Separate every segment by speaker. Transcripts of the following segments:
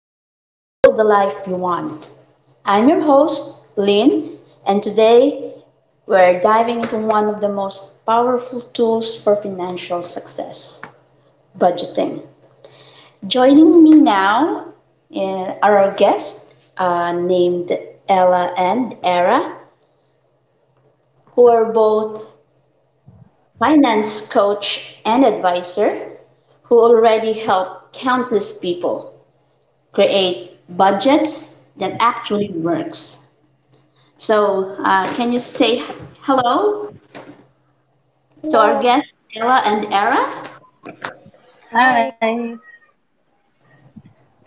Speaker 1: and build the life you want. I'm your host, Lynn, and today we're diving into one of the most powerful tools for financial success, budgeting. Joining me now are our guests named Ella and Era, who are both finance coach, and advisor who already helped countless people create budgets that actually works. So, can you say hello to our
Speaker 2: Hello.
Speaker 1: guests, Era and Era?
Speaker 2: Hi.
Speaker 3: Hi.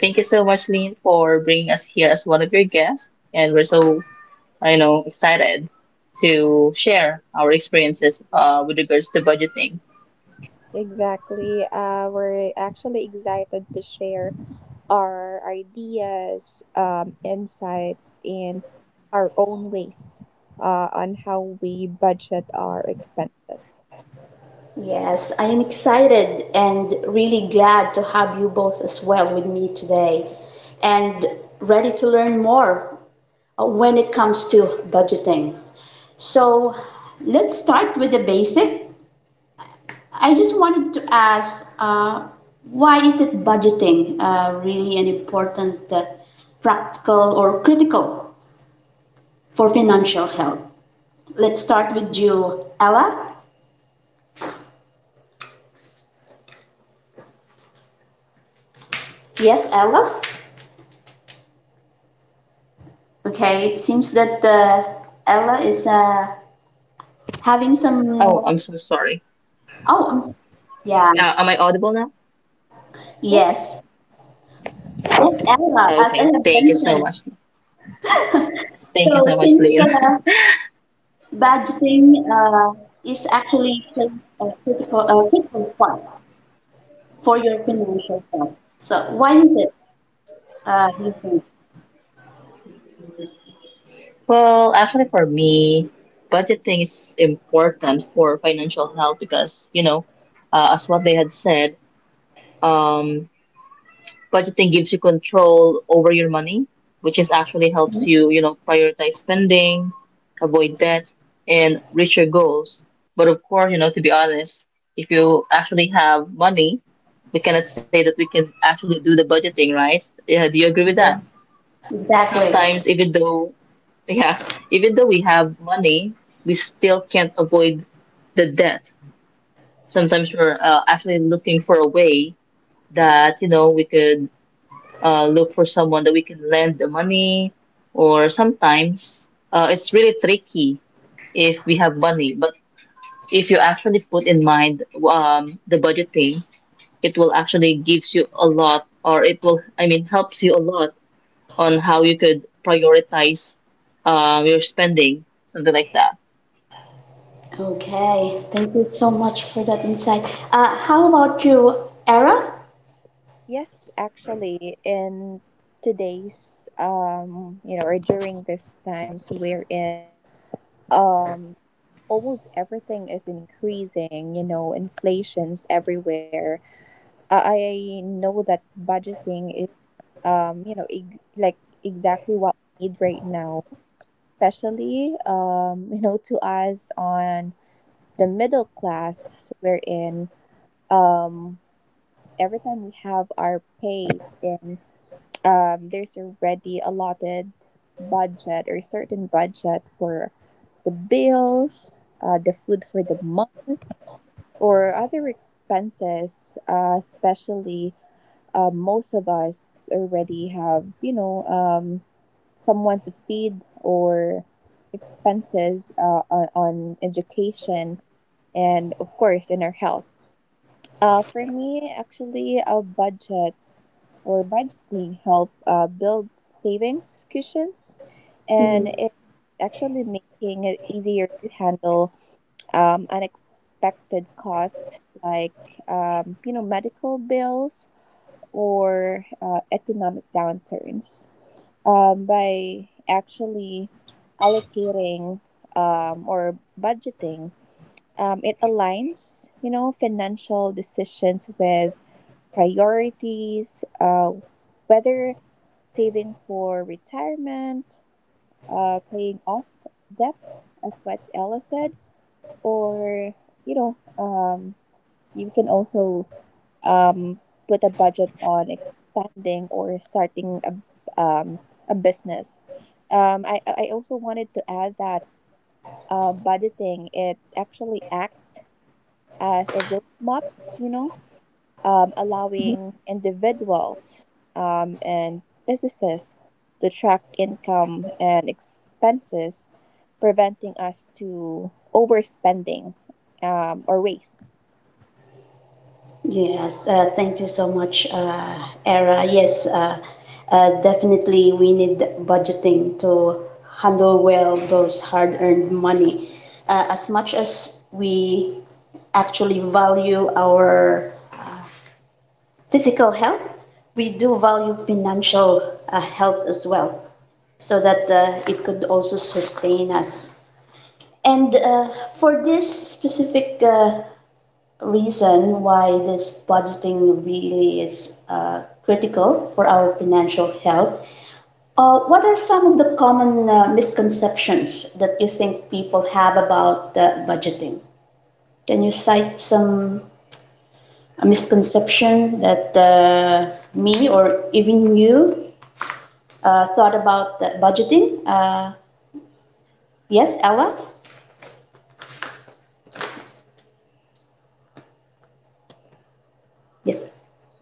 Speaker 3: Thank you so much, Lynn, for bringing us here as one of your guests. And we're so, you know, excited to share our experiences with regards to budgeting.
Speaker 2: Exactly. We're actually excited to share our ideas, insights, and our own ways on how we budget our expenses.
Speaker 1: Yes, I am excited and really glad to have you both as well with me today and ready to learn more when it comes to budgeting. So, let's start with the basic. I just wanted to ask, why is it budgeting really an important, practical or critical for financial health? Let's start with you, Ella. Yes, Ella. Okay, it seems that Ella is having
Speaker 3: Oh, I'm
Speaker 1: some.
Speaker 3: so sorry.
Speaker 1: Oh, yeah.
Speaker 3: Am I audible now?
Speaker 2: Yes.
Speaker 1: Yes. Yes, Ella, as I
Speaker 3: Okay.
Speaker 1: have
Speaker 3: Thank you so
Speaker 1: mentioned.
Speaker 3: much.
Speaker 1: So
Speaker 3: Thank you so much,
Speaker 1: since
Speaker 3: Lynn.
Speaker 1: budgeting is actually plays a critical part for your financial health. So why is it? You think?
Speaker 3: Well, actually, for me, budgeting is important for financial health because, you know, as what they had said, um, budgeting gives you control over your money, which is actually helps you, you know, prioritize spending, avoid debt, and reach your goals. But of course, you know, to be honest, if you actually have money, we cannot say that we can actually do the budgeting, right? Yeah, do you agree with that?
Speaker 1: Exactly.
Speaker 3: Sometimes, even though, yeah, even though we have money, we still can't avoid the debt. Sometimes we're actually looking for a way that, you know, we could look for someone that we can lend the money, or sometimes it's really tricky if we have money. But if you actually put in mind the budgeting, it will actually gives you a lot, or it will, I mean, helps you a lot on how you could prioritize your spending, something like that.
Speaker 1: Okay. Thank you so much for that insight. How about you, Era?
Speaker 2: Yes, actually, in today's or during these times we're in, um, almost everything is increasing. You know, inflation's everywhere. I know that budgeting is. um, you know, ex- like exactly what we need right now, especially, you know, to us on the middle class, wherein um, every time we have our pays in, there's already allotted budget or certain budget for the bills, the food for the month, or other expenses, especially. Most of us already have, you know, someone to feed or expenses uh, on education and of course in our health for me actually budgets or budgeting help build savings cushions and
Speaker 1: Mhm.
Speaker 2: it actually making it easier to handle unexpected costs like you know medical bills or economic downturns, by actually allocating or budgeting, it aligns, you know, financial decisions with priorities, whether saving for retirement, paying off debt as what Ella said, or you know um, you can also um, put a budget on expanding or starting a business. I also wanted to add that budgeting it actually acts as a roadmap, you know, allowing individuals and businesses to track income and expenses, preventing us to overspending or waste.
Speaker 1: Yes, thank you so much, Era. Yes, definitely we need budgeting to handle well those hard-earned money. As much as we actually value our physical health, we do value financial health as well, so that it could also sustain us. And for this specific reason why this budgeting really is critical for our financial health, what are some of the common misconceptions that you think people have about budgeting? Can you cite some misconception that me or even you thought about the budgeting. Yes, Ella? Yes.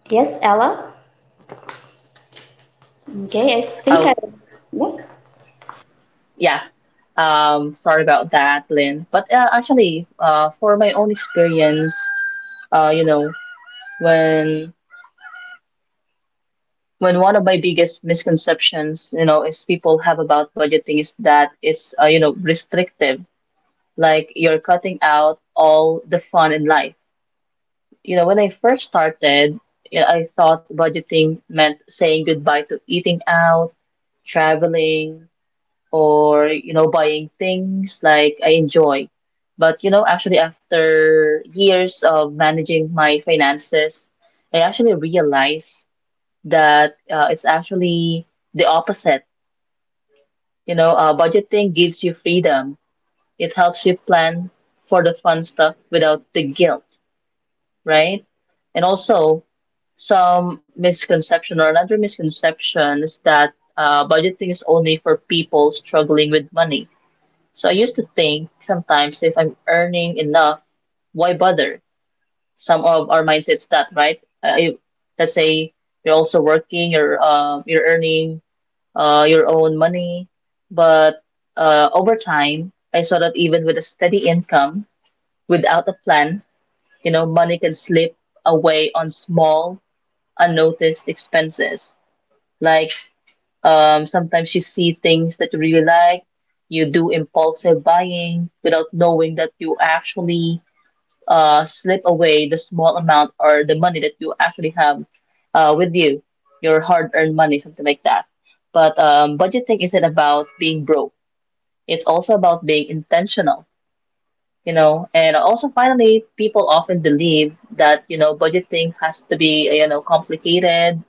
Speaker 1: Yes, Ella? Okay, I think I.
Speaker 3: Oh,
Speaker 1: Yeah.
Speaker 3: yeah. Sorry about that, Lynn. But actually, for my own experience, you know, when when one of my biggest misconceptions, you know, is people have about budgeting is that it's, you know, restrictive, like you're cutting out all the fun in life. You know, when I first started, you know, I thought budgeting meant saying goodbye to eating out, traveling, or, you know, buying things like I enjoy. But, you know, actually, after years of managing my finances, I actually realized that it's actually the opposite. You know, budgeting gives you freedom. It helps you plan for the fun stuff without the guilt, right? And also, some misconception or another misconception is that budgeting is only for people struggling with money. So I used to think sometimes if I'm earning enough, why bother? Some of our mindsets that, right? If- let's say you're also working, you're earning your own money. But over time, I saw that even with a steady income, without a plan, you know, money can slip away on small, unnoticed expenses. Like sometimes you see things that you really like, you do impulsive buying without knowing that you actually slip away the small amount or the money that you actually have with you, your hard-earned money, something like that. But budgeting isn't about being broke. It's also about being intentional, you know. And also, finally, people often believe that, you know, budgeting has to be, you know, complicated,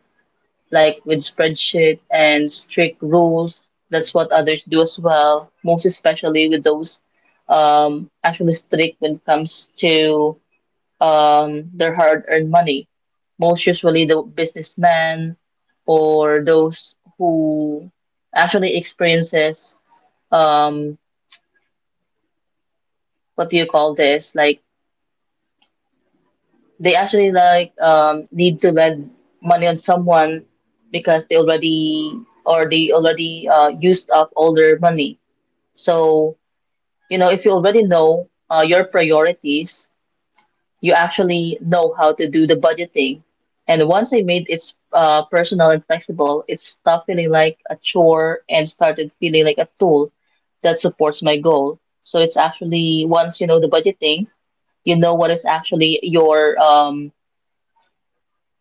Speaker 3: like with spreadsheet and strict rules. That's what others do as well, most especially with those actually strict when it comes to their hard-earned money. Most usually the businessmen or those who actually experiences um, what do you call this? Like they actually like need to lend money on someone because they already or they already used up all their money. So you know if you already know your priorities you actually know how to do the budgeting. And once I made it personal and flexible, it stopped feeling like a chore and started feeling like a tool that supports my goal. So it's actually once you know the budgeting, you know what is actually your um,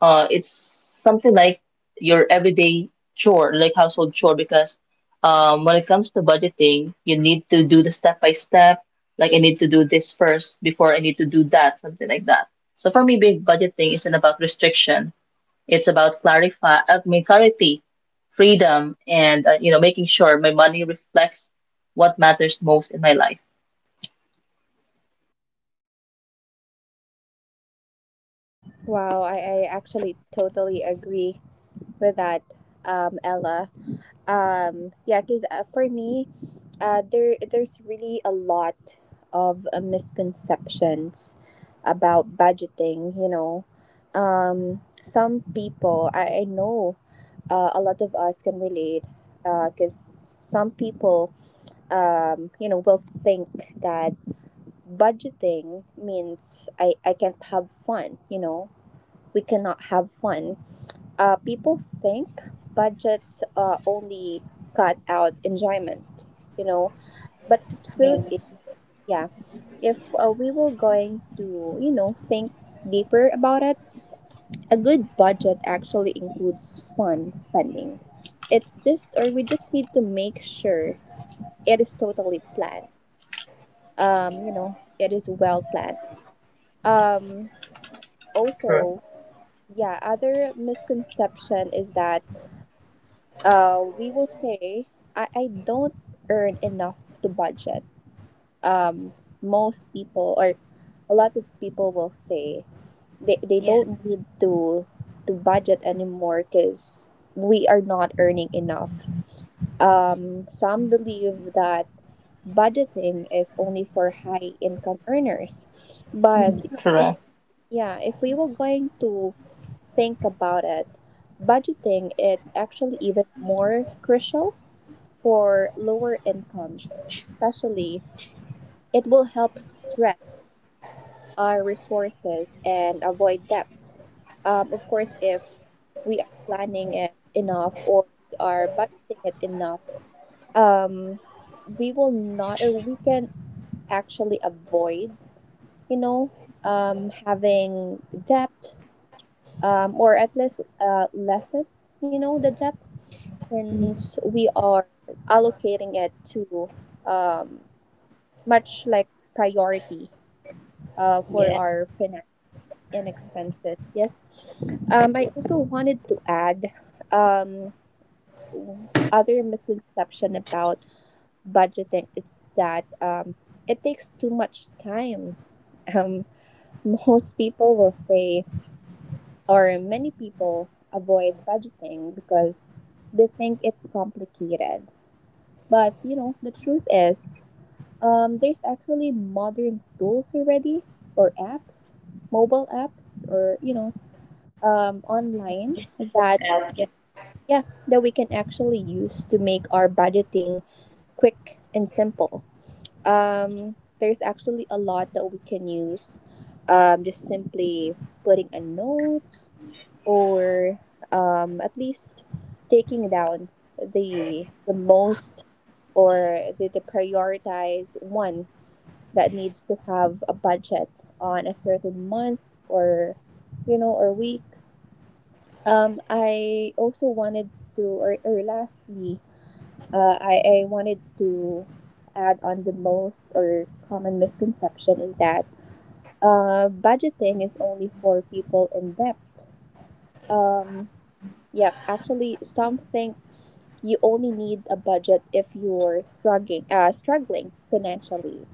Speaker 3: uh, it's something like your everyday chore, like household chore, because when it comes to budgeting, you need to do the step by step. Like I need to do this first before I need to do that, something like that. So for me, big budgeting isn't about restriction. It's about clarify, I mean, clarity, freedom, and you know, making sure my money reflects what matters most in my life.
Speaker 2: Wow, I actually totally agree with that, Ella. Yeah, because for me, there's really a lot of misconceptions about budgeting. You know, some people I know, a lot of us can relate, because some people, you know, will think that budgeting means I can't have fun. You know, we cannot have fun, people think budgets only cut out enjoyment, you know. But the truth
Speaker 1: Yeah.
Speaker 2: is, yeah, if we were going to, you know, think deeper about it, a good budget actually includes fun spending. It just, or we just need to make sure it is totally planned. You know, it is well planned. Um,
Speaker 3: Correct.
Speaker 2: also, yeah, other misconception is that we will say I don't earn enough to budget. Um, most people or a lot of people will say they
Speaker 1: Yeah.
Speaker 2: don't need to budget anymore because we are not earning enough. Some believe that budgeting is only for high income earners, but
Speaker 1: Mhm.
Speaker 2: you know if
Speaker 3: Correct.
Speaker 2: yeah if we were going to think about it, budgeting it's actually even more crucial for lower incomes, especially, it will help stretch our resources and avoid debt. Of course, if we are planning it enough or we are budgeting it enough, um, we will not or we can actually avoid, you know, having debt, or at least lessen, you know, the debt
Speaker 1: Mhm.
Speaker 2: since we are allocating it to um, much like priority
Speaker 1: Yeah.
Speaker 2: for our finance and expenses. Yes. I also wanted to add um, other misconception about budgeting is that it takes too much time. Um, most people will say, or many people avoid budgeting because they think it's complicated. But you know, the truth is, there's actually modern tools already, or apps, mobile apps, or you know, online that
Speaker 1: Yeah. Yeah.
Speaker 2: yeah that we can actually use to make our budgeting quick and simple. There's actually a lot that we can use, just simply putting a notes or at least taking down the most or the prioritize one that needs to have a budget on a certain month or you know or weeks I also wanted to or lastly I wanted to add on the most or common misconception is that budgeting is only for people in debt. um yeah, actually some think you only need a budget if you're struggling financially.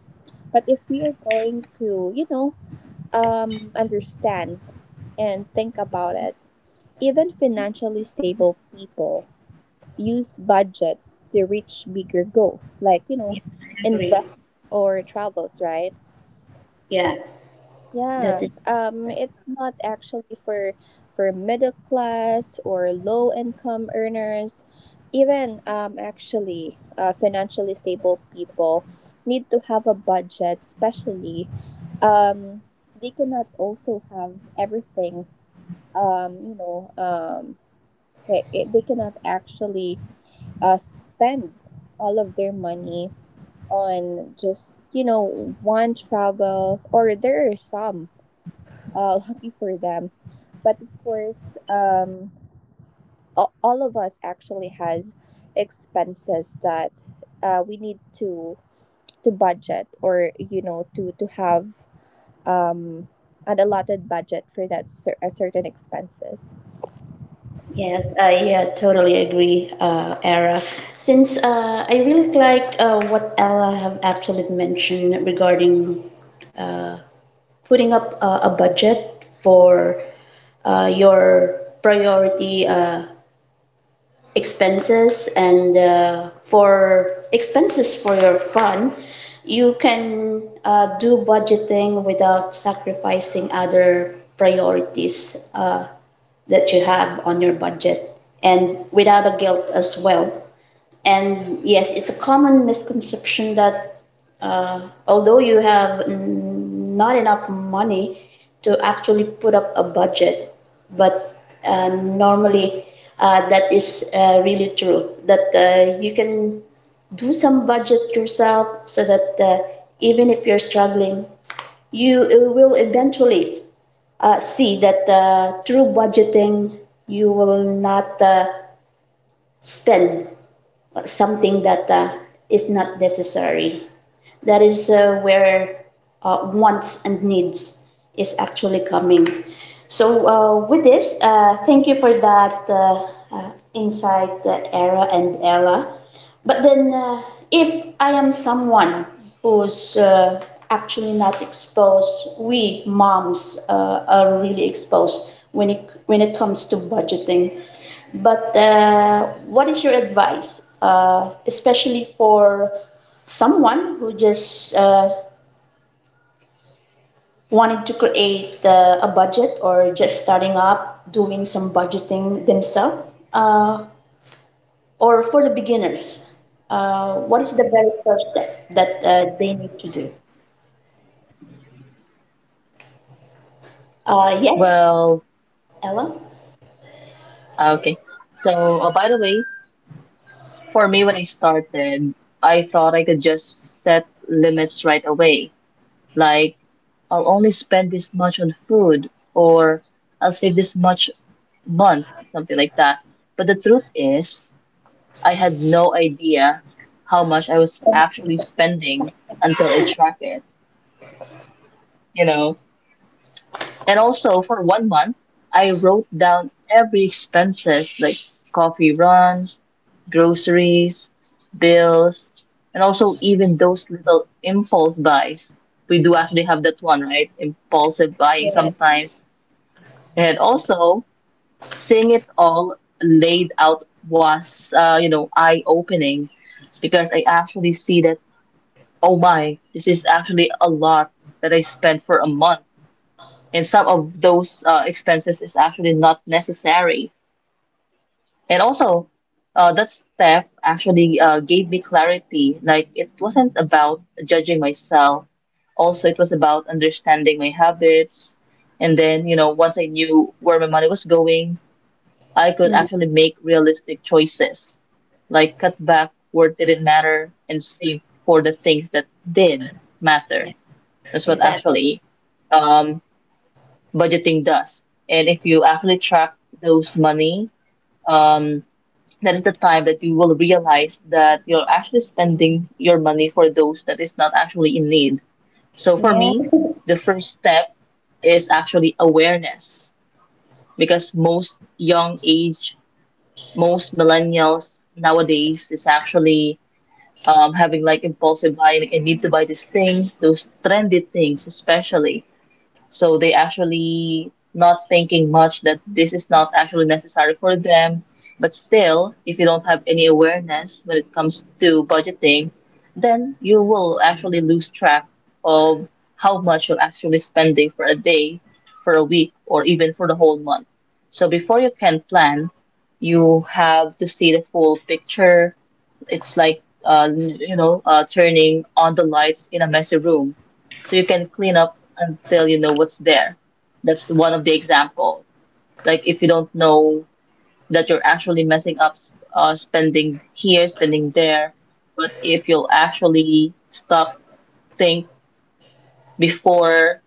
Speaker 2: But if we are going to, you know, understand and think about it, even financially stable people use budgets to reach bigger goals, like, you know,
Speaker 1: Yeah, I agree.
Speaker 2: invest or travels, right?
Speaker 1: Yeah.
Speaker 2: Yeah,
Speaker 1: That is. Right.
Speaker 2: it's not actually for middle class or low income earners. Even financially stable people need to have a budget, especially um, they cannot also have everything, um, you know, um, they cannot actually spend all of their money on just, you know, one travel, or there are some, lucky for them. But of course, a- all of us actually has expenses that we need to budget or you know to have um, an allotted budget for that a certain expenses.
Speaker 1: Yes, I, yeah, totally agree, Era. Since I really like what Ella have actually mentioned regarding putting up a budget for your priority expenses and for expenses for your fun, you can do budgeting without sacrificing other priorities that you have on your budget and without a guilt as well, and yes, it's a common misconception that although you have not enough money to actually put up a budget, but uh, normally that is really true. That you can do some budget yourself so that even if you're struggling, you will eventually see that through budgeting, you will not spend something that is not necessary. That is where wants and needs is actually coming. So with this, thank you for that insight, Era and Ella. But then, if I am someone who's actually not exposed, we moms are really exposed when it comes to budgeting. But what is your advice, especially for someone who just wanted to create a budget or just starting up doing some budgeting themselves? Uh, Or for the beginners, what is the very first step that they need to do? Yes,
Speaker 3: Well,
Speaker 1: Ella?
Speaker 3: okay. So, by the way, for me, when I started, I thought I could just set limits right away. Like, I'll only spend this much on food, or I'll save this much month, something like that. But the truth is, I had no idea how much I was actually spending until I tracked it, you know? And also for one month, I wrote down every expenses like coffee runs, groceries, bills, and also even those little impulse buys. We do actually have that one, right? Impulsive buying
Speaker 1: Yeah.
Speaker 3: sometimes. And also seeing it all laid out was, you know, eye-opening because I actually see that, oh my, this is actually a lot that I spent for a month and some of those expenses is actually not necessary. And also, that step actually gave me clarity. Like it wasn't about judging myself. Also, it was about understanding my habits. And then, you know, once I knew where my money was going, I could
Speaker 1: Mm,
Speaker 3: actually make realistic choices, like cut back where it didn't matter and save for the things that did
Speaker 1: yeah,
Speaker 3: matter. That's what
Speaker 1: exactly.
Speaker 3: actually um, budgeting does. And if you actually track those money, um, that is the time that you will realize that you're actually spending your money for those that is not actually in need. So for
Speaker 1: Yeah.
Speaker 3: me, the first step is actually awareness because most young age, most millennials nowadays is actually having like impulsive buying, like I need to buy these things, those trendy things especially so they actually not thinking much that this is not actually necessary for them. But still, if you don't have any awareness when it comes to budgeting, then you will actually lose track of how much you're actually spending for a day, for a week, or even for the whole month. So before you can plan, you have to see the full picture. It's like you know turning on the lights in a messy room so you can clean up until you know what's there. That's one of the example. Like if you don't know that you're actually messing up, spending here, spending there, but if you'll actually stop, think before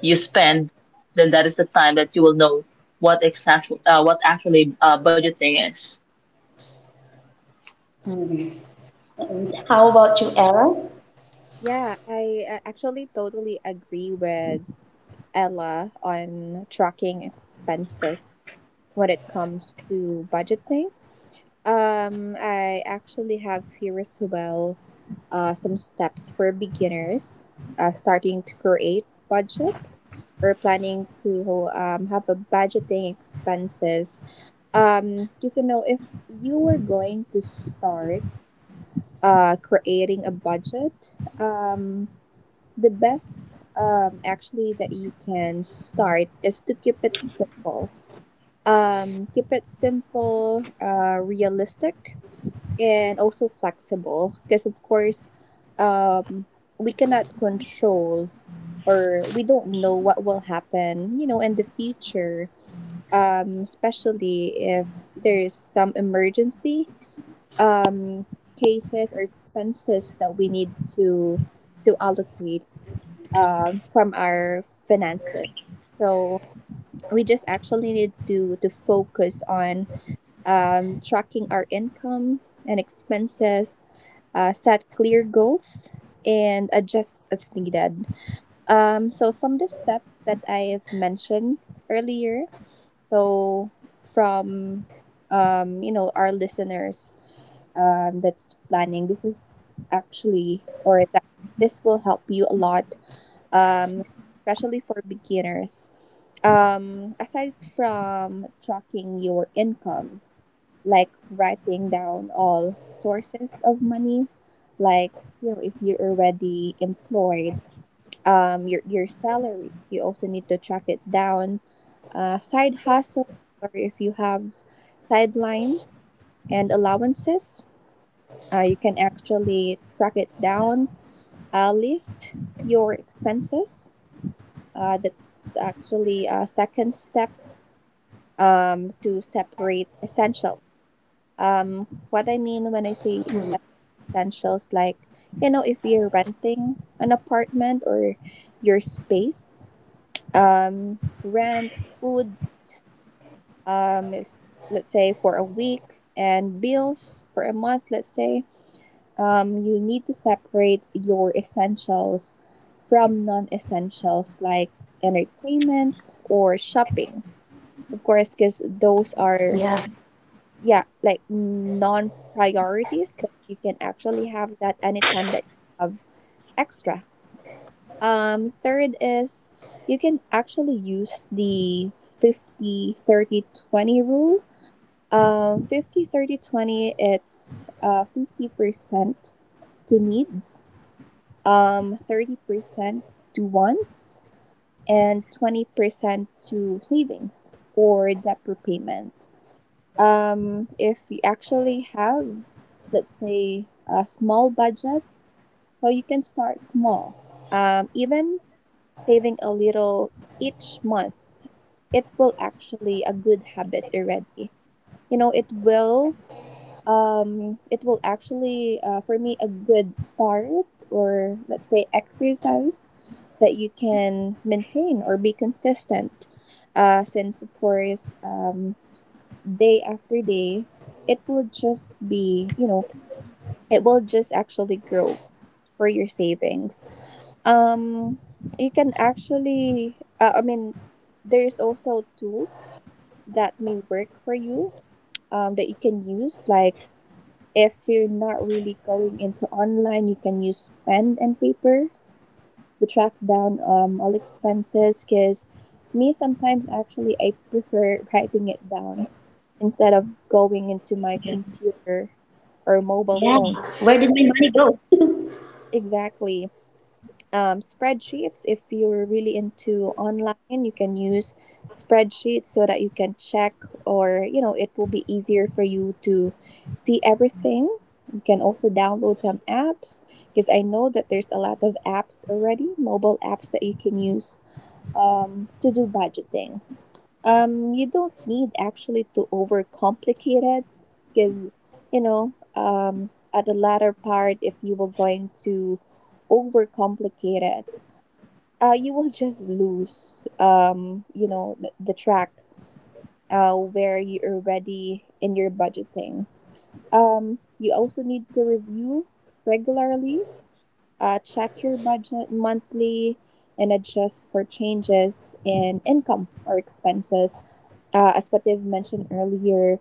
Speaker 3: you spend, then that is the time that you will know what exactly what actually budgeting is.
Speaker 1: Mm. And how about you, Ella?
Speaker 2: Yeah, I actually totally agree with Ella on tracking expenses when it comes to budgeting. I actually have here as well some steps for beginners starting to create budget or planning to have a budgeting expenses. Because you know, if you were going to start creating a budget, the best actually that you can start is to keep it simple. Keep it simple, realistic, and also flexible because of course um we cannot control or we don't know what will happen, you know, in the future, especially if there is some emergency um cases or expenses that we need to allocate from our finances. So we just actually need to focus on tracking our income and expenses, set clear goals, and adjust as needed. So, from the steps that I've mentioned earlier, so from you know our listeners that's planning, this is actually or that this will help you a lot, um, especially for beginners, aside from tracking your income, like writing down all sources of money, like you know if you're already employed, your salary you also need to track it down, side hustle or if you have sidelines and allowances, you can actually track it down. List your expenses, that's actually a second step, to separate essentials. What I mean when I say separate essentials, like you know if you're renting an apartment or your space, rent, food, um is- let's say for a week, and bills for a month, let's say you need to separate your essentials from non-essentials like entertainment or shopping, of course,
Speaker 1: Yeah,
Speaker 2: because those are, yeah, like non priorities that you can actually have that anytime that you have extra. Third is you can actually use the 50-30-20 rule. 50-30-20. It's 50% to needs, 30% to wants, and 20% to savings or debt repayment. If you actually have, let's say, a small budget, so you can start small. Even saving a little each month, it will actually a good habit already. You know, it will it will actually for me a good start or let's say exercise that you can maintain or be consistent since of course day after day, it will just be, you know, it will just actually grow for your savings. Um, you can actually, I mean, there's also tools that may work for you that you can use. Like if you're not really going into online, you can use pen and papers to track down all expenses because me sometimes actually I prefer writing it down instead of going into my computer
Speaker 1: yeah.
Speaker 2: or
Speaker 1: Where did
Speaker 2: mobile
Speaker 1: my
Speaker 2: phone.
Speaker 1: money go?
Speaker 2: Exactly. Spreadsheets, if you're really into online, you can use spreadsheets so that you can check or, you know, it will be easier for you to see everything. You can also download some apps because I know that there's a lot of apps already, mobile apps that you can use to do budgeting. You don't need actually to overcomplicate it because, you know, at the latter part, if you were going to overcomplicate it, you will just lose, you know, the track where you're already in your budgeting. You also need to review regularly, check your budget monthly and adjust for changes in income or expenses. As what they've mentioned earlier,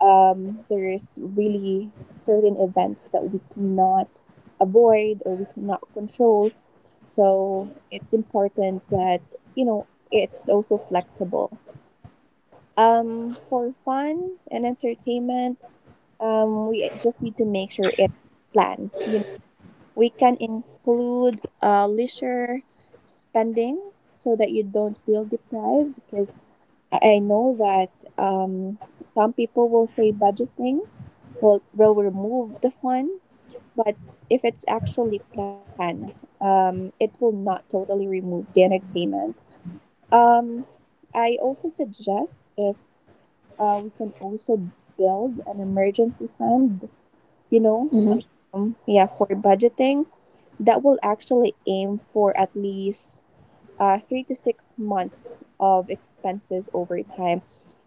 Speaker 2: there's really certain events that we cannot avoid or we cannot control. So it's important that, you know, it's also flexible. For fun and entertainment, we just need to make sure it's planned. You we can include leisure spending so that you don't feel deprived because I know that um, some people will say budgeting will remove the fun, but if it's actually planned, it will not totally remove the entertainment. Um, I also suggest if we can also build an emergency fund you know
Speaker 1: Mhm.
Speaker 2: yeah, for budgeting that will actually aim for at least 3 to 6 months of expenses over time,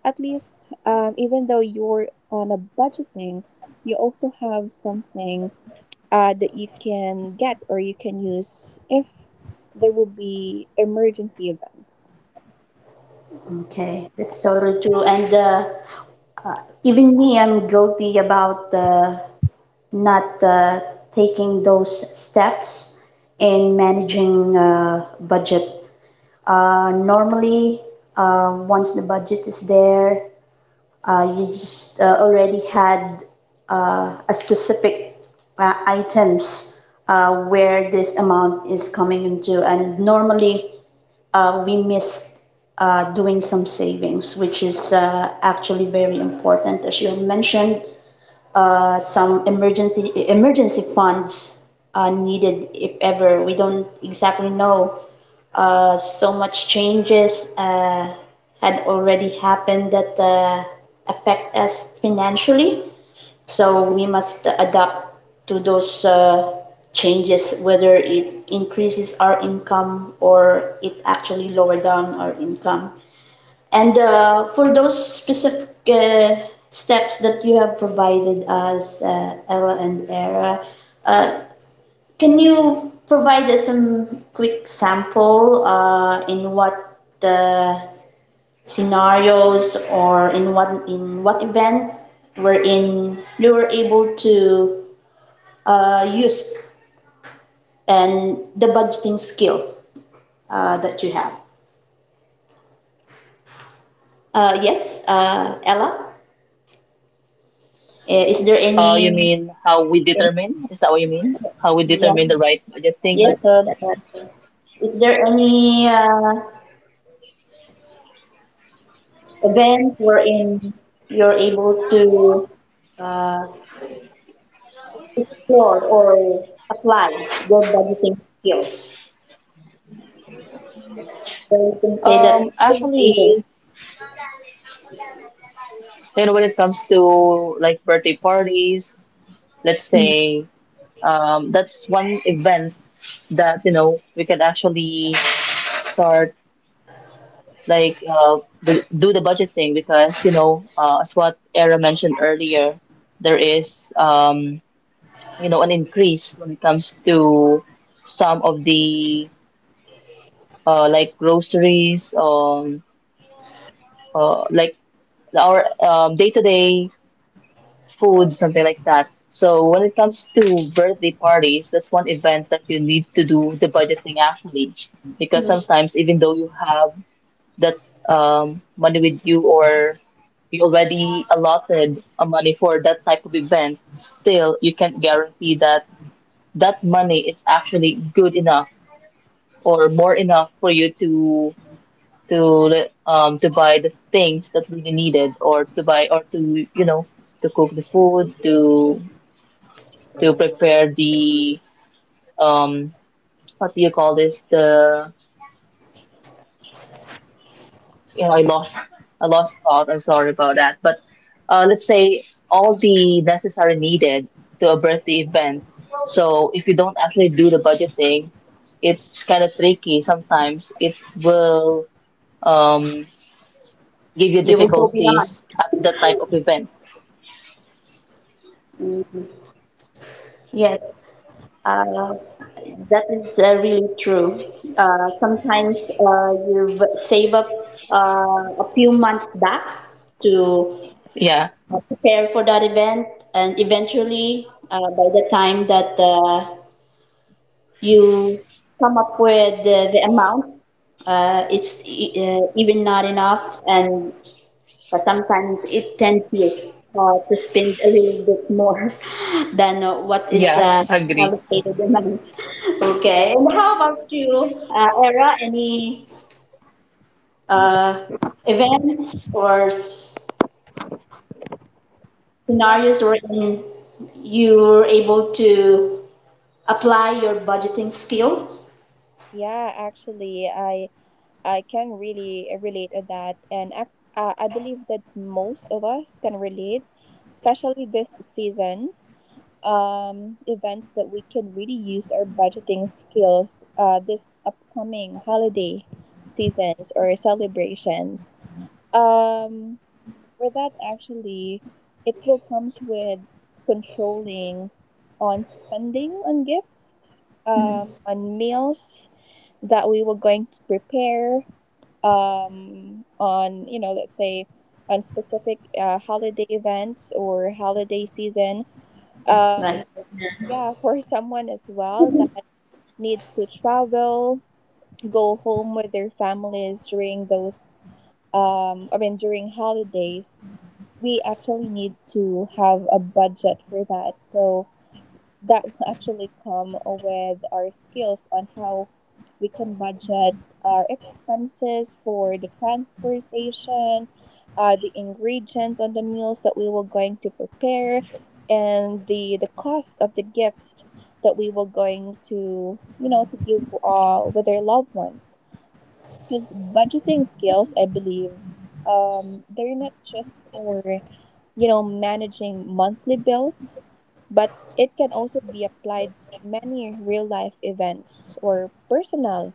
Speaker 2: at least. Even though you're on a budgeting, you also have something that you can get or you can use if there will be emergency events.
Speaker 1: Okay, that's totally true. And even me, I'm guilty about not taking those steps in managing budget. Normally, once the budget is there, you just already had a specific items where this amount is coming into, and normally we missed doing some savings, which is actually very important. As you mentioned, some emergency funds needed if ever. We don't exactly know so much changes had already happened that affect us financially. So we must adapt to those changes, whether it increases our income or it actually lower down our income. And for those specific steps that you have provided us, Ella and Era, uh, can you provide us some quick sample in what the scenarios or in what event wherein you were able to use and the budgeting skill that you have? Yes, Ella. Is there
Speaker 3: You
Speaker 1: any?
Speaker 3: mean how we determine? Is that what you mean? How we
Speaker 1: Yeah.
Speaker 3: determine the right budgeting
Speaker 1: Yes.
Speaker 3: method?
Speaker 1: Is there any event wherein you're able to uh, explore or apply their budgeting skills. Where you can say that
Speaker 3: Um,
Speaker 1: I was able,
Speaker 3: actually, And when it comes to like birthday parties, let's
Speaker 1: mhm.
Speaker 3: say that's one event that you know we can actually start like the, do the budgeting because you know as what Era mentioned earlier, there is you know an increase when it comes to some of the like groceries like our day-to-day food, something like that. So when it comes to birthday parties, that's one event that you need to do the budgeting actually, because
Speaker 1: Mhm.
Speaker 3: sometimes even though you have that money with you or you already allotted a money for that type of event, still you can't guarantee that that money is actually good enough or more enough for you to buy the things that really needed or to buy or to you know to cook the food to prepare the um what do you call this the you know I lost I lost thought I'm sorry about that but let's say all the necessary needed to a birthday event so if you don't actually do the budgeting it's kind of tricky sometimes it will um, give you
Speaker 1: You will go beyond.
Speaker 3: difficulties at that type of event.
Speaker 1: Mhm. Yes, uh, that is really true. Sometimes you save up a few months back to
Speaker 3: Yeah.
Speaker 1: prepare for that event, and eventually, by the time that you come up with the amount. It's even not enough, and sometimes it tempts you to spend a little bit more than what is
Speaker 3: Yeah, agree.
Speaker 1: allocated in money. Okay, and how about you, Era? Any
Speaker 2: Mhm.
Speaker 1: uh, events or
Speaker 2: Yeah,
Speaker 1: scenarios wherein you were able to apply your budgeting skills?
Speaker 2: yeah, actually, I can really relate to that, and I believe that most of us can relate, especially this season. Events that we can really use our budgeting skills, this upcoming holiday seasons or celebrations. Um, with that, actually, it will comes with controlling on spending on gifts,
Speaker 1: Mhm.
Speaker 2: on meals that we were going to prepare, on, you know, let's say on specific holiday events or holiday season.
Speaker 1: Right.
Speaker 2: Um, yeah, for someone as well that needs to travel, go home with their families during those, during holidays, we actually need to have a budget for that. So that will actually come with our skills on how we can budget our expenses for the transportation, the ingredients on the meals that we were going to prepare, and the cost of the gifts that we were going to, you know, to give with our loved ones. Because budgeting skills, I believe, they're not just for, you know, managing monthly bills, but it can also be applied to many real life events or personal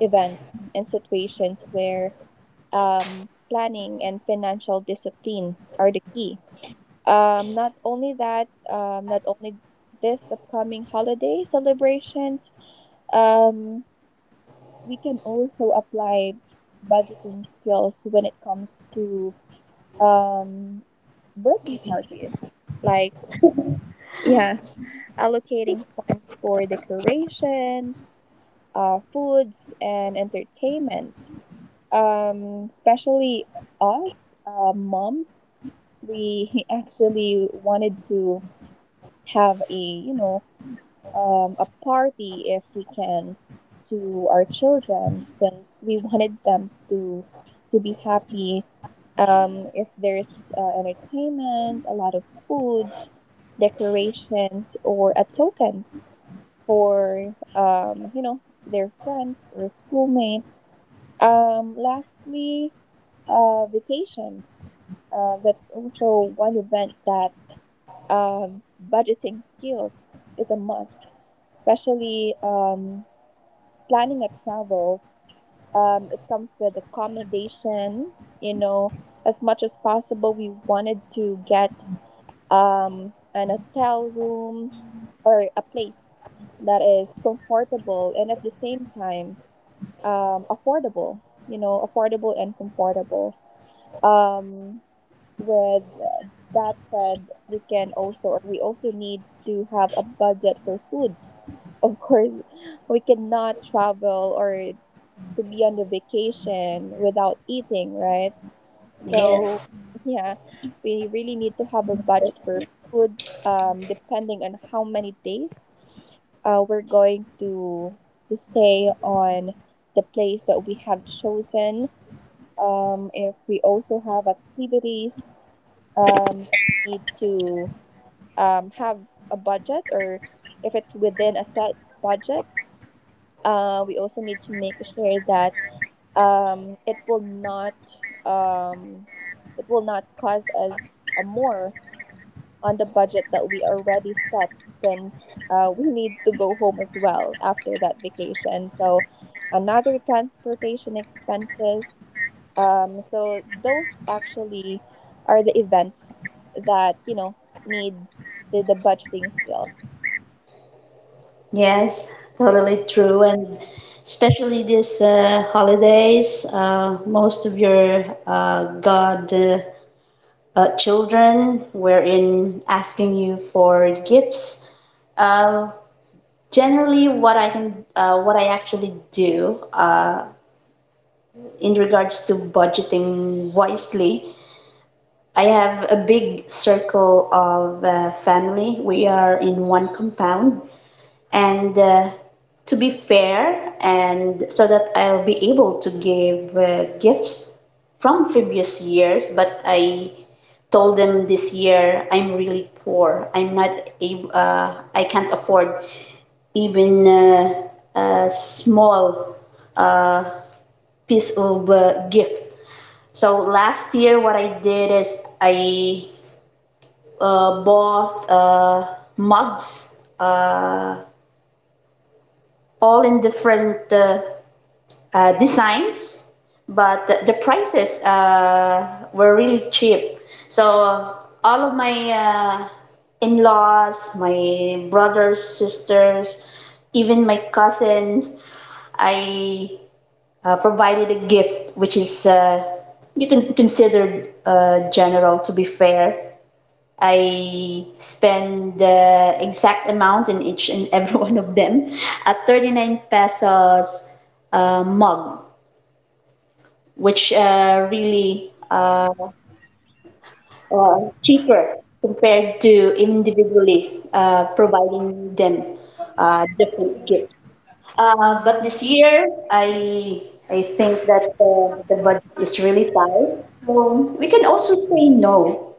Speaker 2: events and situations where planning and financial discipline are the key. Not only that, not only this upcoming holiday celebrations, um, we can also apply budgeting skills when it comes to, um, birthday
Speaker 1: Giving.
Speaker 2: parties. Like, yeah, allocating funds for decorations, foods, and entertainment. Especially us, moms, we actually wanted to have, a you know, a party if we can, to our children, since we wanted them to be happy. If there's entertainment, a lot of foods, decorations, or tokens for, you know, their friends or schoolmates. Lastly, vacations, that's also one event that budgeting skills is a must, especially, planning a travel. It comes with accommodation. You know, as much as possible, we wanted to get, an hotel room or a place that is comfortable and at the same time affordable, you know, affordable and comfortable. Um, with that said, we can also, or we also need to have a budget for foods. Of course, we cannot travel or to be on the vacation without eating, right? So
Speaker 1: Yes.
Speaker 2: yeah, we really need to have a budget for food, um, depending on how many days we're going to stay on the place that we have chosen. Um, if we also have activities that we need to have a budget, or if it's within a set budget, we also need to make sure that um it will not um it will not cause us a more on the budget that we already set. Since we need to go home as well after that vacation, so another transportation expenses. So those actually are the events that, you know, need the budgeting skills.
Speaker 1: Yes, totally true. And especially this holidays, most of your God children were in asking you for gifts. Uh, generally, what I can, what I actually do in regards to budgeting wisely, I have a big circle of family. We are in one compound and to be fair and so that I'll be able to give gifts from previous years, but I told them this year I'm really poor, I'm not able, I can't afford even a small piece of gift. So last year what I did is I bought mugs all in different designs, but the prices were really cheap. So all of my in-laws, my brothers, sisters, even my cousins, I provided a gift, which is you can consider general to be fair. I spend the exact amount in each and every one of them, a 39 pesos mug, which really uh, cheaper compared to individually providing them different gifts. But this year, I think that the budget is really tight, so we can also say no.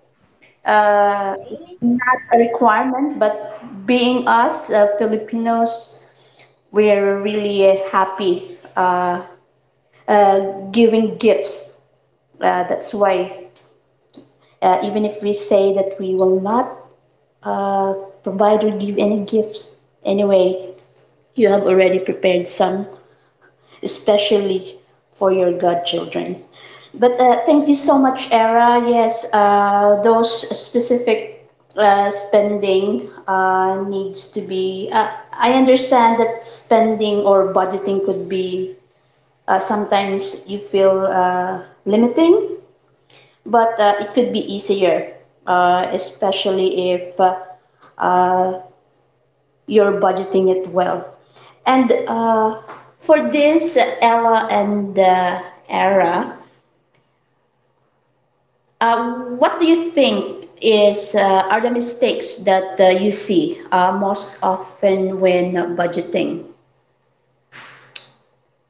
Speaker 1: It's not a requirement, but being us Filipinos, we're really happy uh, uh, giving gifts. That's why even if we say that we will not uh, provide or give any gifts, anyway you have already prepared some, especially for your godchildren. But thank you so much, Era. Yes, those specific spending needs to be I understand that spending or budgeting could be, sometimes you feel limiting, but it could be easier, especially if uh, you're budgeting it well. And for this, Ella and Era, what do you think is are the mistakes that you see most often when budgeting?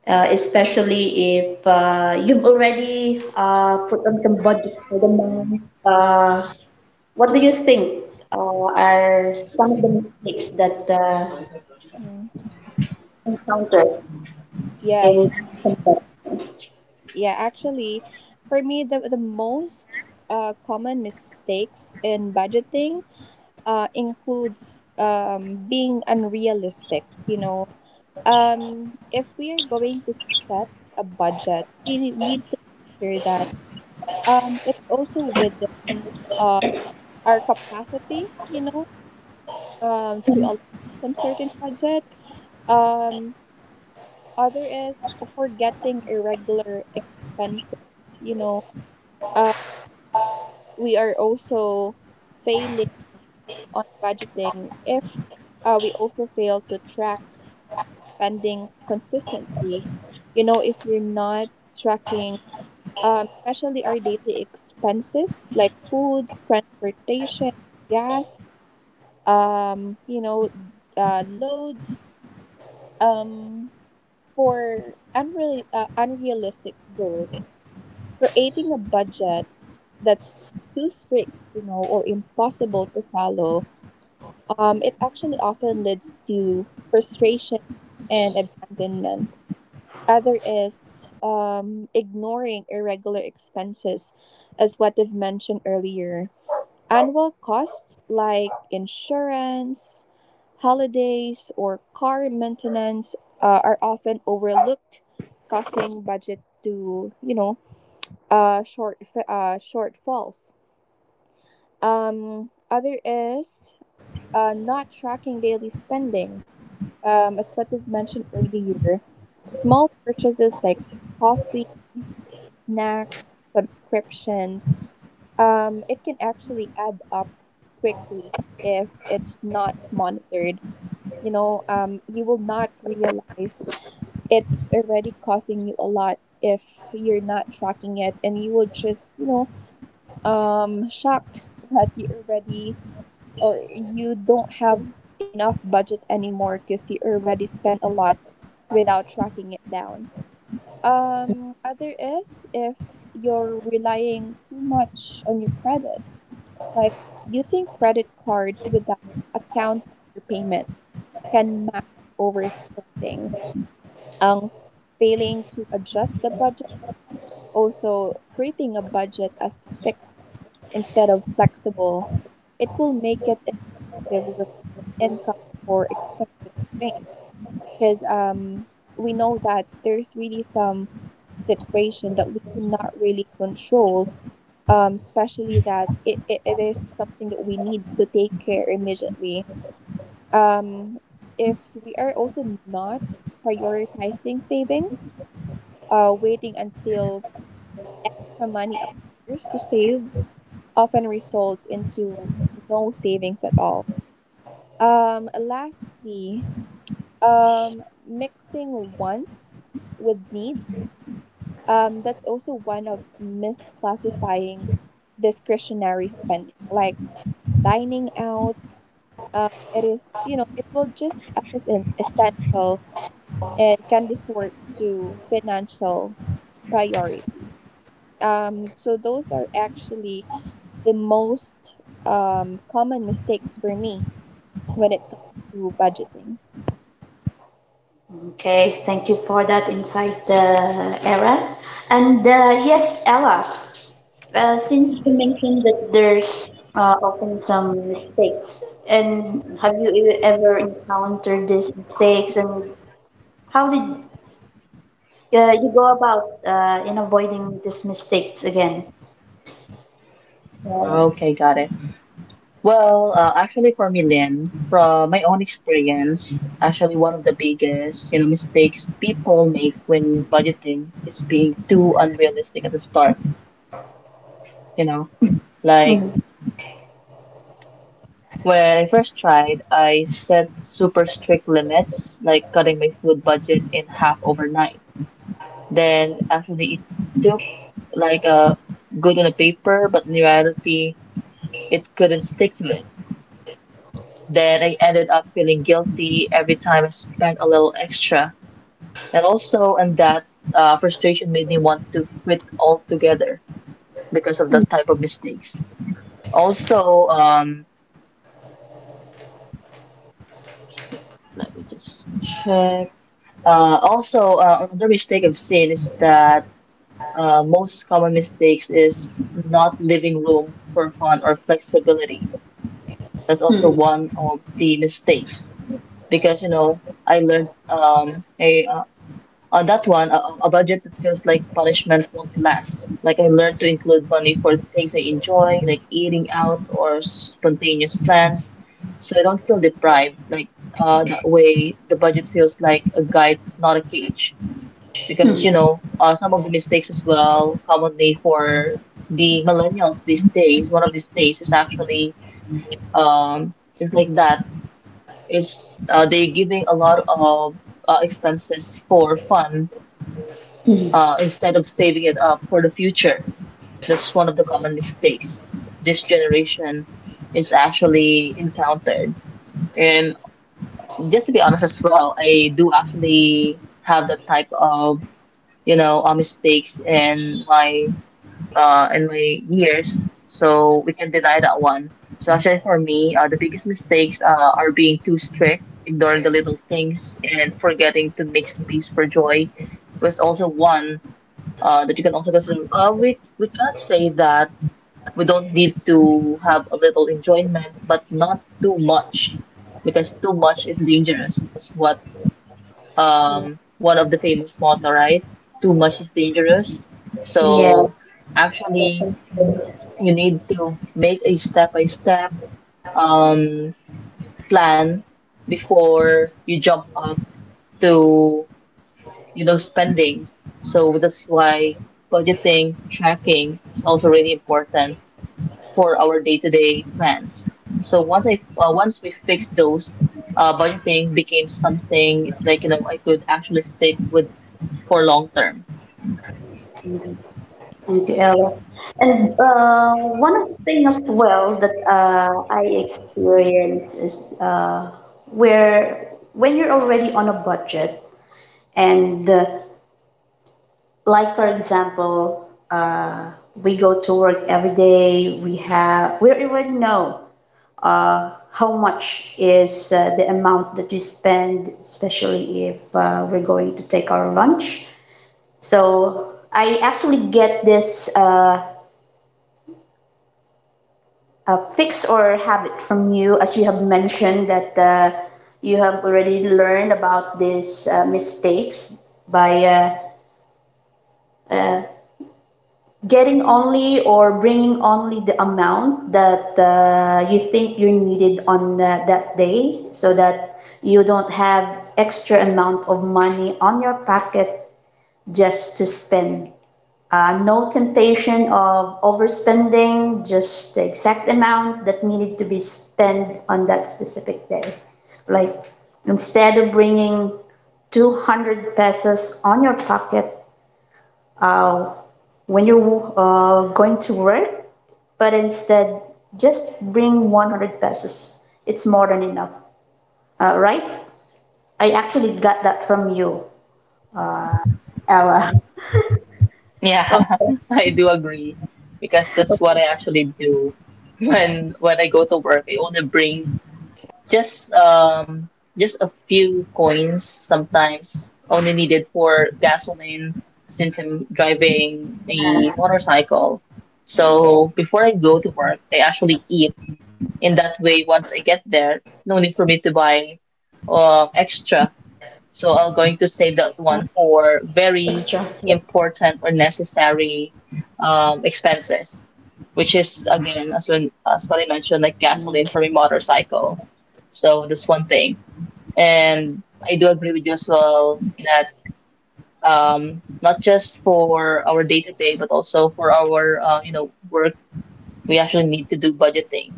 Speaker 1: Especially if you've already put on some budget for the month, what do you think are some of the mistakes that
Speaker 2: Mhm.
Speaker 1: encountered
Speaker 2: Yes.
Speaker 1: in.
Speaker 2: Yeah, actually, for me, the most common mistakes in budgeting includes being unrealistic. You know, if we are going to set a budget, we need to make sure that it's also within uh, our capacity, you know, to allow some certain budget. Um, Other is forgetting irregular expenses. You know, we are also failing on budgeting if we also fail to track spending consistently. You know, if you're not tracking, especially our daily expenses like foods, transportation, gas, you know, loads, um, for unrealistic goals, creating a budget that's too strict, you know, or impossible to follow, it actually often leads to frustration and abandonment. Other is, ignoring irregular expenses, as what I've mentioned earlier. Annual costs like insurance, holidays, or car maintenance are often overlooked, causing budget to, you know, uh, short shortfalls. Other is not tracking daily spending. As what you've mentioned earlier, small purchases like coffee, snacks, subscriptions, it can actually add up quickly if it's not monitored. You know, you will not realize it's already costing you a lot if you're not tracking it, and you will just, you know, shocked that you already or you don't have enough budget anymore, because you already spent a lot without tracking it down. Other is if you're relying too much on your credit, like using credit cards without accounting your payment can mask overspending. Um, Failing to adjust the budget, also creating a budget as fixed instead of flexible, it will make it perspective when income or expenses change. Because we know that there's really some situation that we cannot really control, especially that it is something that we need to take care immediately. Um, if we are also not prioritizing savings, waiting until extra money appears to save often results into no savings at all. Lastly, mixing wants with needs. That's also one of misclassifying discretionary spending, like dining out. It is, you know, it will just as an essential and can resort to financial priorities. So those are actually the most common mistakes for me when it comes to budgeting.
Speaker 1: Okay, thank you for that insight, Era. And yes, Ella, since you mentioned that there's often some mistakes, and have you ever encountered these mistakes, and how did you go about in avoiding these mistakes again? Yeah.
Speaker 3: Okay, got it. Well, actually, for me, Lynn, from my own experience, actually, one of the biggest, you know, mistakes people make when budgeting is being too unrealistic at the start. You know, like when I first tried, I set super strict limits, like cutting my food budget in half overnight. Then, actually, it took like a good on the paper, but in reality, it couldn't stick to it. Then I ended up feeling guilty every time I spent a little extra. And also, and that frustration made me want to quit altogether because of that type of mistakes. Also, let me just check. Also, another mistake I've seen is that most common mistakes is not leaving room for fun or flexibility. That's also
Speaker 1: Mhm.
Speaker 3: one of the mistakes because you know I learned a On that one, a budget that feels like punishment won't last. Like I learned to include money for things I enjoy, like eating out or spontaneous plans, so I don't feel deprived. Like that way, the budget feels like a guide, not a cage. Some of the mistakes as well, commonly for the millennials these days, one of these days is actually just like that is, they giving a lot of expenses for fun
Speaker 1: Mhm.
Speaker 3: instead of saving it up for the future. That's one of the common mistakes this generation is actually encountered. And just to be honest as well, I do actually have that type of mistakes in my years, so we can deny that one. So actually, for me, the biggest mistakes are being too strict, ignoring the little things, and forgetting to make space for joy was also one that you can also consider. We can't say that we don't need to have a little enjoyment, but not too much, because too much is dangerous. That's what one of the famous motto, right? Too much is dangerous.
Speaker 1: Yeah.
Speaker 3: So actually, you need to make a step by step um plan before you jump up to, you know, spending. So that's why budgeting, tracking is also really important for our day-to-day plans. So once we fix those, budgeting became something like, you know, I could actually stick with for long term.
Speaker 1: Thank you, Ella. And one of the things as well that I experience is where when you're already on a budget and like for example, we go to work every day, we already know how much is the amount that we spend, especially if we're going to take our lunch. So I actually get this. A fix or habit from you, as you have mentioned that you have already learned about these mistakes by getting only or bringing only the amount that you think you needed on that day so that you don't have extra amount of money on your pocket just to spend. No temptation of overspending, just the exact amount that needed to be spent on that specific day. Like instead of bringing 200 pesos on your pocket uh, when you're going to work, but instead just bring 100 pesos. It's more than enough, right? I actually got that from you, Ella.
Speaker 3: Yeah, I do agree because that's what I actually do when I go to work. I only bring. Just um just a few coins sometimes only needed for gasoline since I'm driving a motorcycle. So
Speaker 1: Okay.
Speaker 3: before I go to work, I actually eat. In that way, once I get there, no need for me to buy
Speaker 1: Uh,
Speaker 3: extra. So
Speaker 1: extra.
Speaker 3: I'm going to save that one for very important or necessary expenses, which is again, as when as what I mentioned, like gasoline for my motorcycle. So that's one thing. And I do agree with you as well that not just for our day to day, but also for our you know, work, we actually need to do budgeting.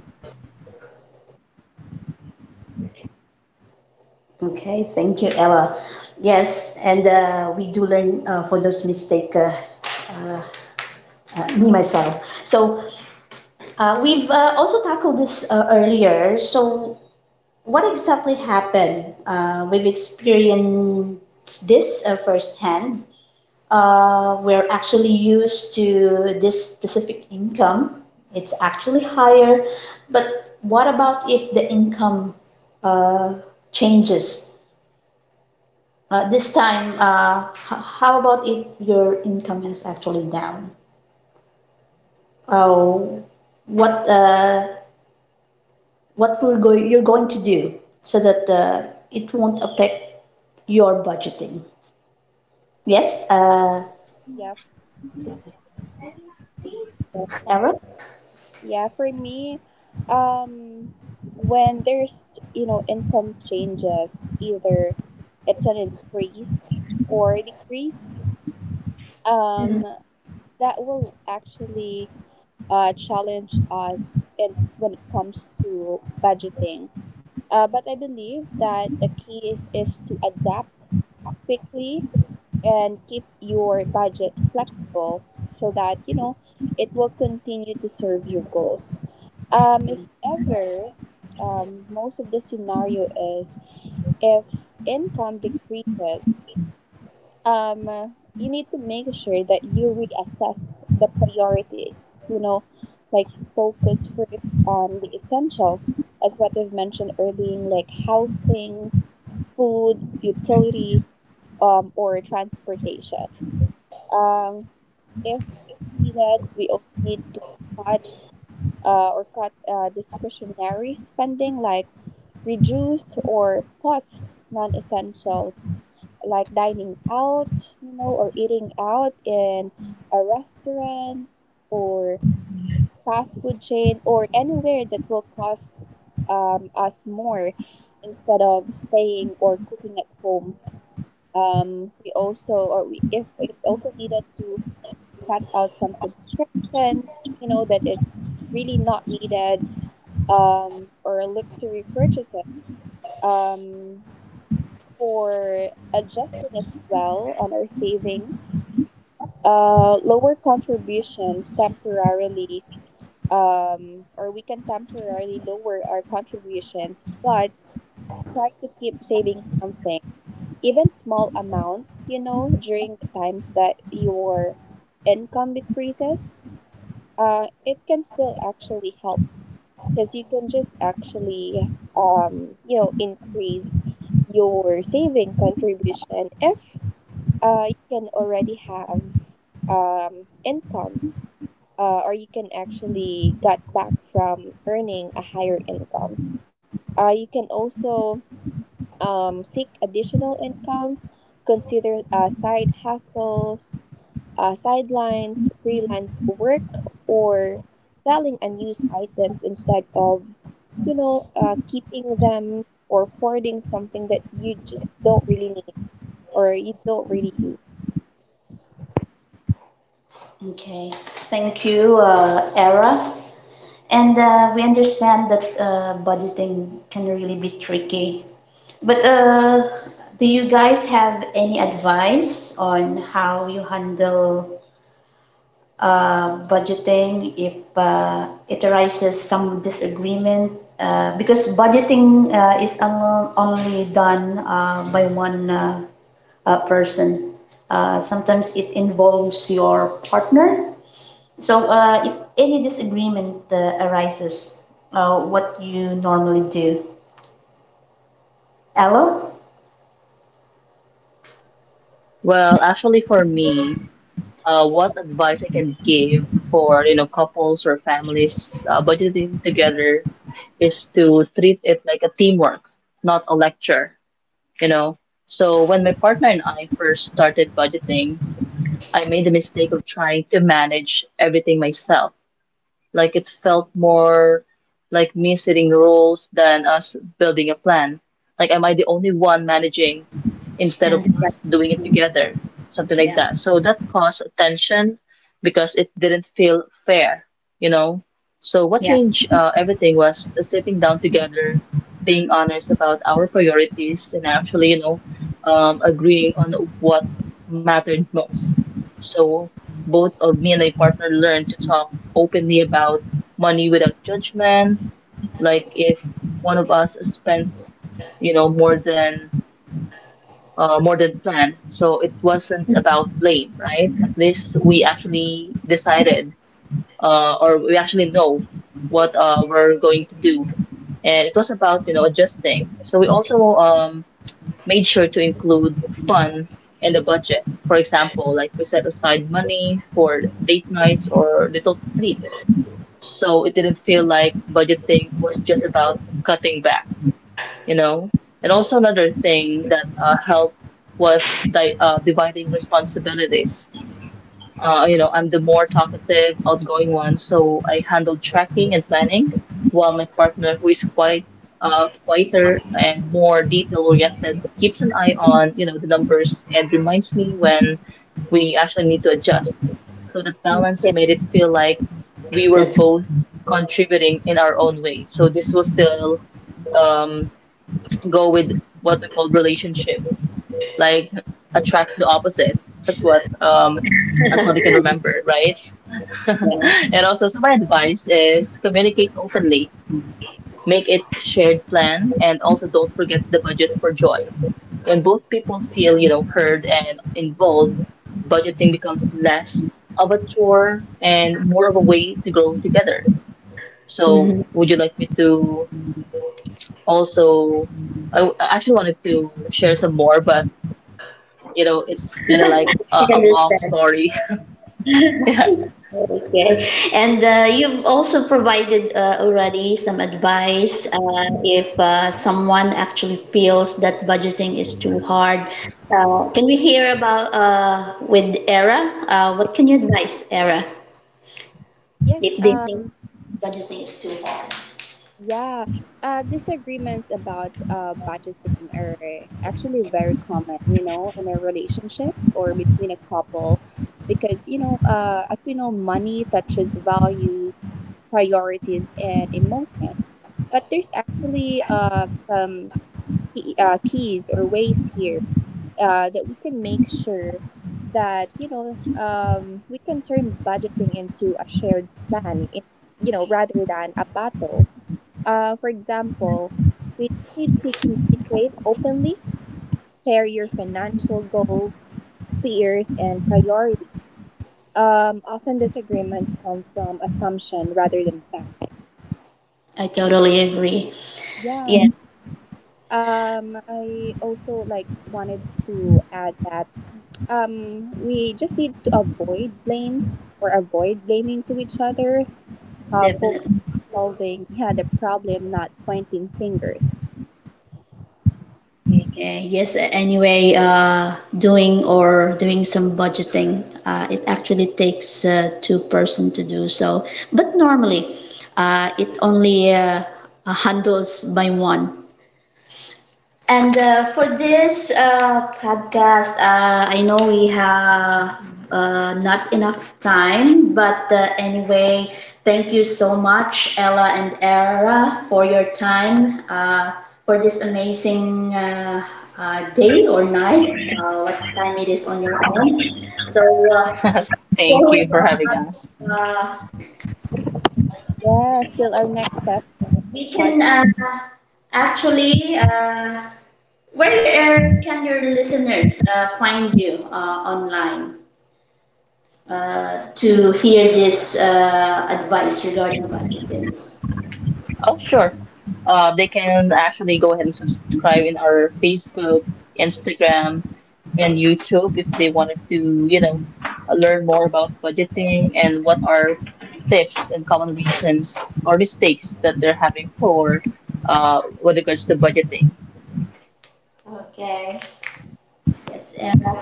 Speaker 1: Okay, thank you, Ella. Yes, and we do learn for those mistake, me myself. So we've also tackled this earlier. So what exactly happened? We've experienced this firsthand. We're actually used to this specific income. It's actually higher, but what about if the income uh, changes. This time, how about if your income is actually down? Oh, what uh, what will go you're going to do so that it won't affect your budgeting? Yes,
Speaker 2: Yeah. Mm-hmm.
Speaker 1: Era.
Speaker 2: Yeah, for me, um, when there's, you know, income changes, either it's an increase or a decrease, um, that will actually challenge us in, when it comes to budgeting. But I believe that the key is to adapt quickly and keep your budget flexible, so that, you know, it will continue to serve your goals if ever. Most of the scenario is if income decreases, um, you need to make sure that you reassess the priorities. You know, like focus first on the essential, as what I've mentioned earlier, like housing, food, utilities, or transportation. um, if it's needed, we also need to cut or cut discretionary spending, like reduce or pause non-essentials like dining out, you know, or eating out in a restaurant or fast food chain or anywhere that will cost us more, instead of staying or cooking at home. We also, or we, if it's also needed to cut out some subscriptions, you know, that it's really not needed, or luxury purchases. Um, for adjusting as well on our savings, lower contributions temporarily, or we can temporarily lower our contributions, but try to keep saving something, even small amounts, you know, during the times that your income decreases. It can still actually help, because you can just actually, you know, increase your saving contribution if you can already have, income, or you can actually get back from earning a higher income. You can also, seek additional income, consider side hustles, sidelines, freelance work, or selling unused items, instead of, you know, keeping them or hoarding something that you just don't really need or you don't really use.
Speaker 1: Okay, thank you, Era. And we understand that budgeting can really be tricky. But do you guys have any advice on how you handle budgeting if it arises some disagreement because budgeting is only done by one person. Sometimes it involves your partner. So if any disagreement arises, what you normally do? Ella?
Speaker 3: Well, actually, for me, what advice I can give for, you know, couples or families budgeting together is to treat it like a teamwork, not a lecture, you know. So when my partner and I first started budgeting, I made the mistake of trying to manage everything myself. Like it felt more like me setting the rules than us building a plan. Like, am I the only one managing instead of
Speaker 1: And the right.
Speaker 3: us doing it together? Something like
Speaker 1: Yeah.
Speaker 3: that. So that caused tension because it didn't feel fair, you know? So what
Speaker 1: Yeah.
Speaker 3: changed everything was sitting down together, being honest about our priorities, and actually, you know, agreeing on what mattered most. So both of me and my partner learned to talk openly about money without judgment. Like if one of us spent, you know, more than more than planned, so it wasn't about blame, right? At least we actually decided, or we actually know what we're going to do, and it was about, you know, adjusting. So we also made sure to include fun in the budget. For example, like we set aside money for date nights or little treats. So it didn't feel like budgeting was just about cutting back, you know? And also another thing that helped was dividing responsibilities. You know, I'm the more talkative, outgoing one, so I handle tracking and planning, while my partner, who is quite quieter and more detail-oriented, keeps an eye on, you know, the numbers and reminds me when we actually need to adjust. So the balance
Speaker 1: Yeah.
Speaker 3: made it feel like we were
Speaker 1: That's.
Speaker 3: both contributing in our own way. So this will still um, go with what we call relationship, like attract the opposite. That's what um, that's what I can remember, right? And also, so my advice is communicate openly, make it a shared plan, and also don't forget the budget for joy. When both people feel, you know, heard and involved, budgeting becomes less of a chore and more of a way to grow together. So,
Speaker 1: Mm-hmm.
Speaker 3: would you like me to also? I actually wanted to share some more, but you know, it's kind of like a,
Speaker 1: I can
Speaker 3: a long
Speaker 1: understand.
Speaker 3: story.
Speaker 1: Okay. And you've also provided already some advice if someone actually feels that budgeting is too hard. Can we hear about with ERA? What can you advise ERA
Speaker 2: Yes,
Speaker 1: if they think
Speaker 2: um,
Speaker 1: budgeting is too hard?
Speaker 2: yeah. Disagreements about budgeting are actually very common, you know, in a relationship or between a couple. Because, you know, as we know, money touches values, priorities, and emotion. But there's actually some keys or ways here that we can make sure that, you know, we can turn budgeting into a shared plan, in, you know, rather than a battle. For example, we just need to communicate openly, share your financial goals, fears, and priorities. Often disagreements come from assumption rather than facts.
Speaker 1: I totally agree. Yes,
Speaker 2: Yes. I also wanted to add that we just need to avoid blames or avoid blaming to each other's. Focus
Speaker 1: definitely.
Speaker 2: on solving, yeah, the problem, not pointing fingers.
Speaker 1: Okay. Yes, anyway, doing or doing some budgeting, it actually takes two person to do so. But normally, it only handles by one. And for this podcast, I know we have not enough time, but anyway, thank you so much, Ella and Era, for your time for this amazing day or night, what time it is on your end. So, uh, before
Speaker 3: Thank
Speaker 1: we
Speaker 3: you for
Speaker 1: wrap
Speaker 3: having
Speaker 1: up,
Speaker 3: us.
Speaker 1: uh,
Speaker 2: Yeah, still our next
Speaker 1: we can
Speaker 2: podcast.
Speaker 1: actually. Where can your listeners find you online to hear this advice regarding budgeting?
Speaker 3: Oh, sure. They can actually go ahead and subscribe in our Facebook, Instagram, and YouTube if they wanted to, you know, learn more about budgeting and what are tips and common reasons or mistakes that they're having for, with regards to budgeting.
Speaker 1: Okay. Yes. And,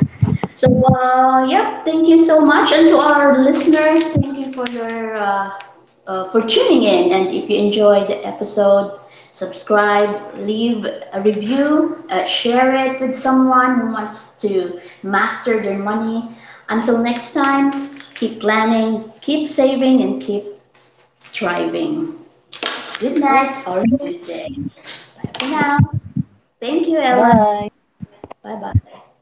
Speaker 1: so, yeah, thank you so much. And to our listeners, thank you for your for tuning in. And if you enjoyed the episode, subscribe, leave a review, share it with someone who wants to master their money. Until next time, keep planning, keep saving, and keep thriving. Good night or good day. Bye for now. Thank you, Ella.
Speaker 3: Bye.
Speaker 1: Bye bye.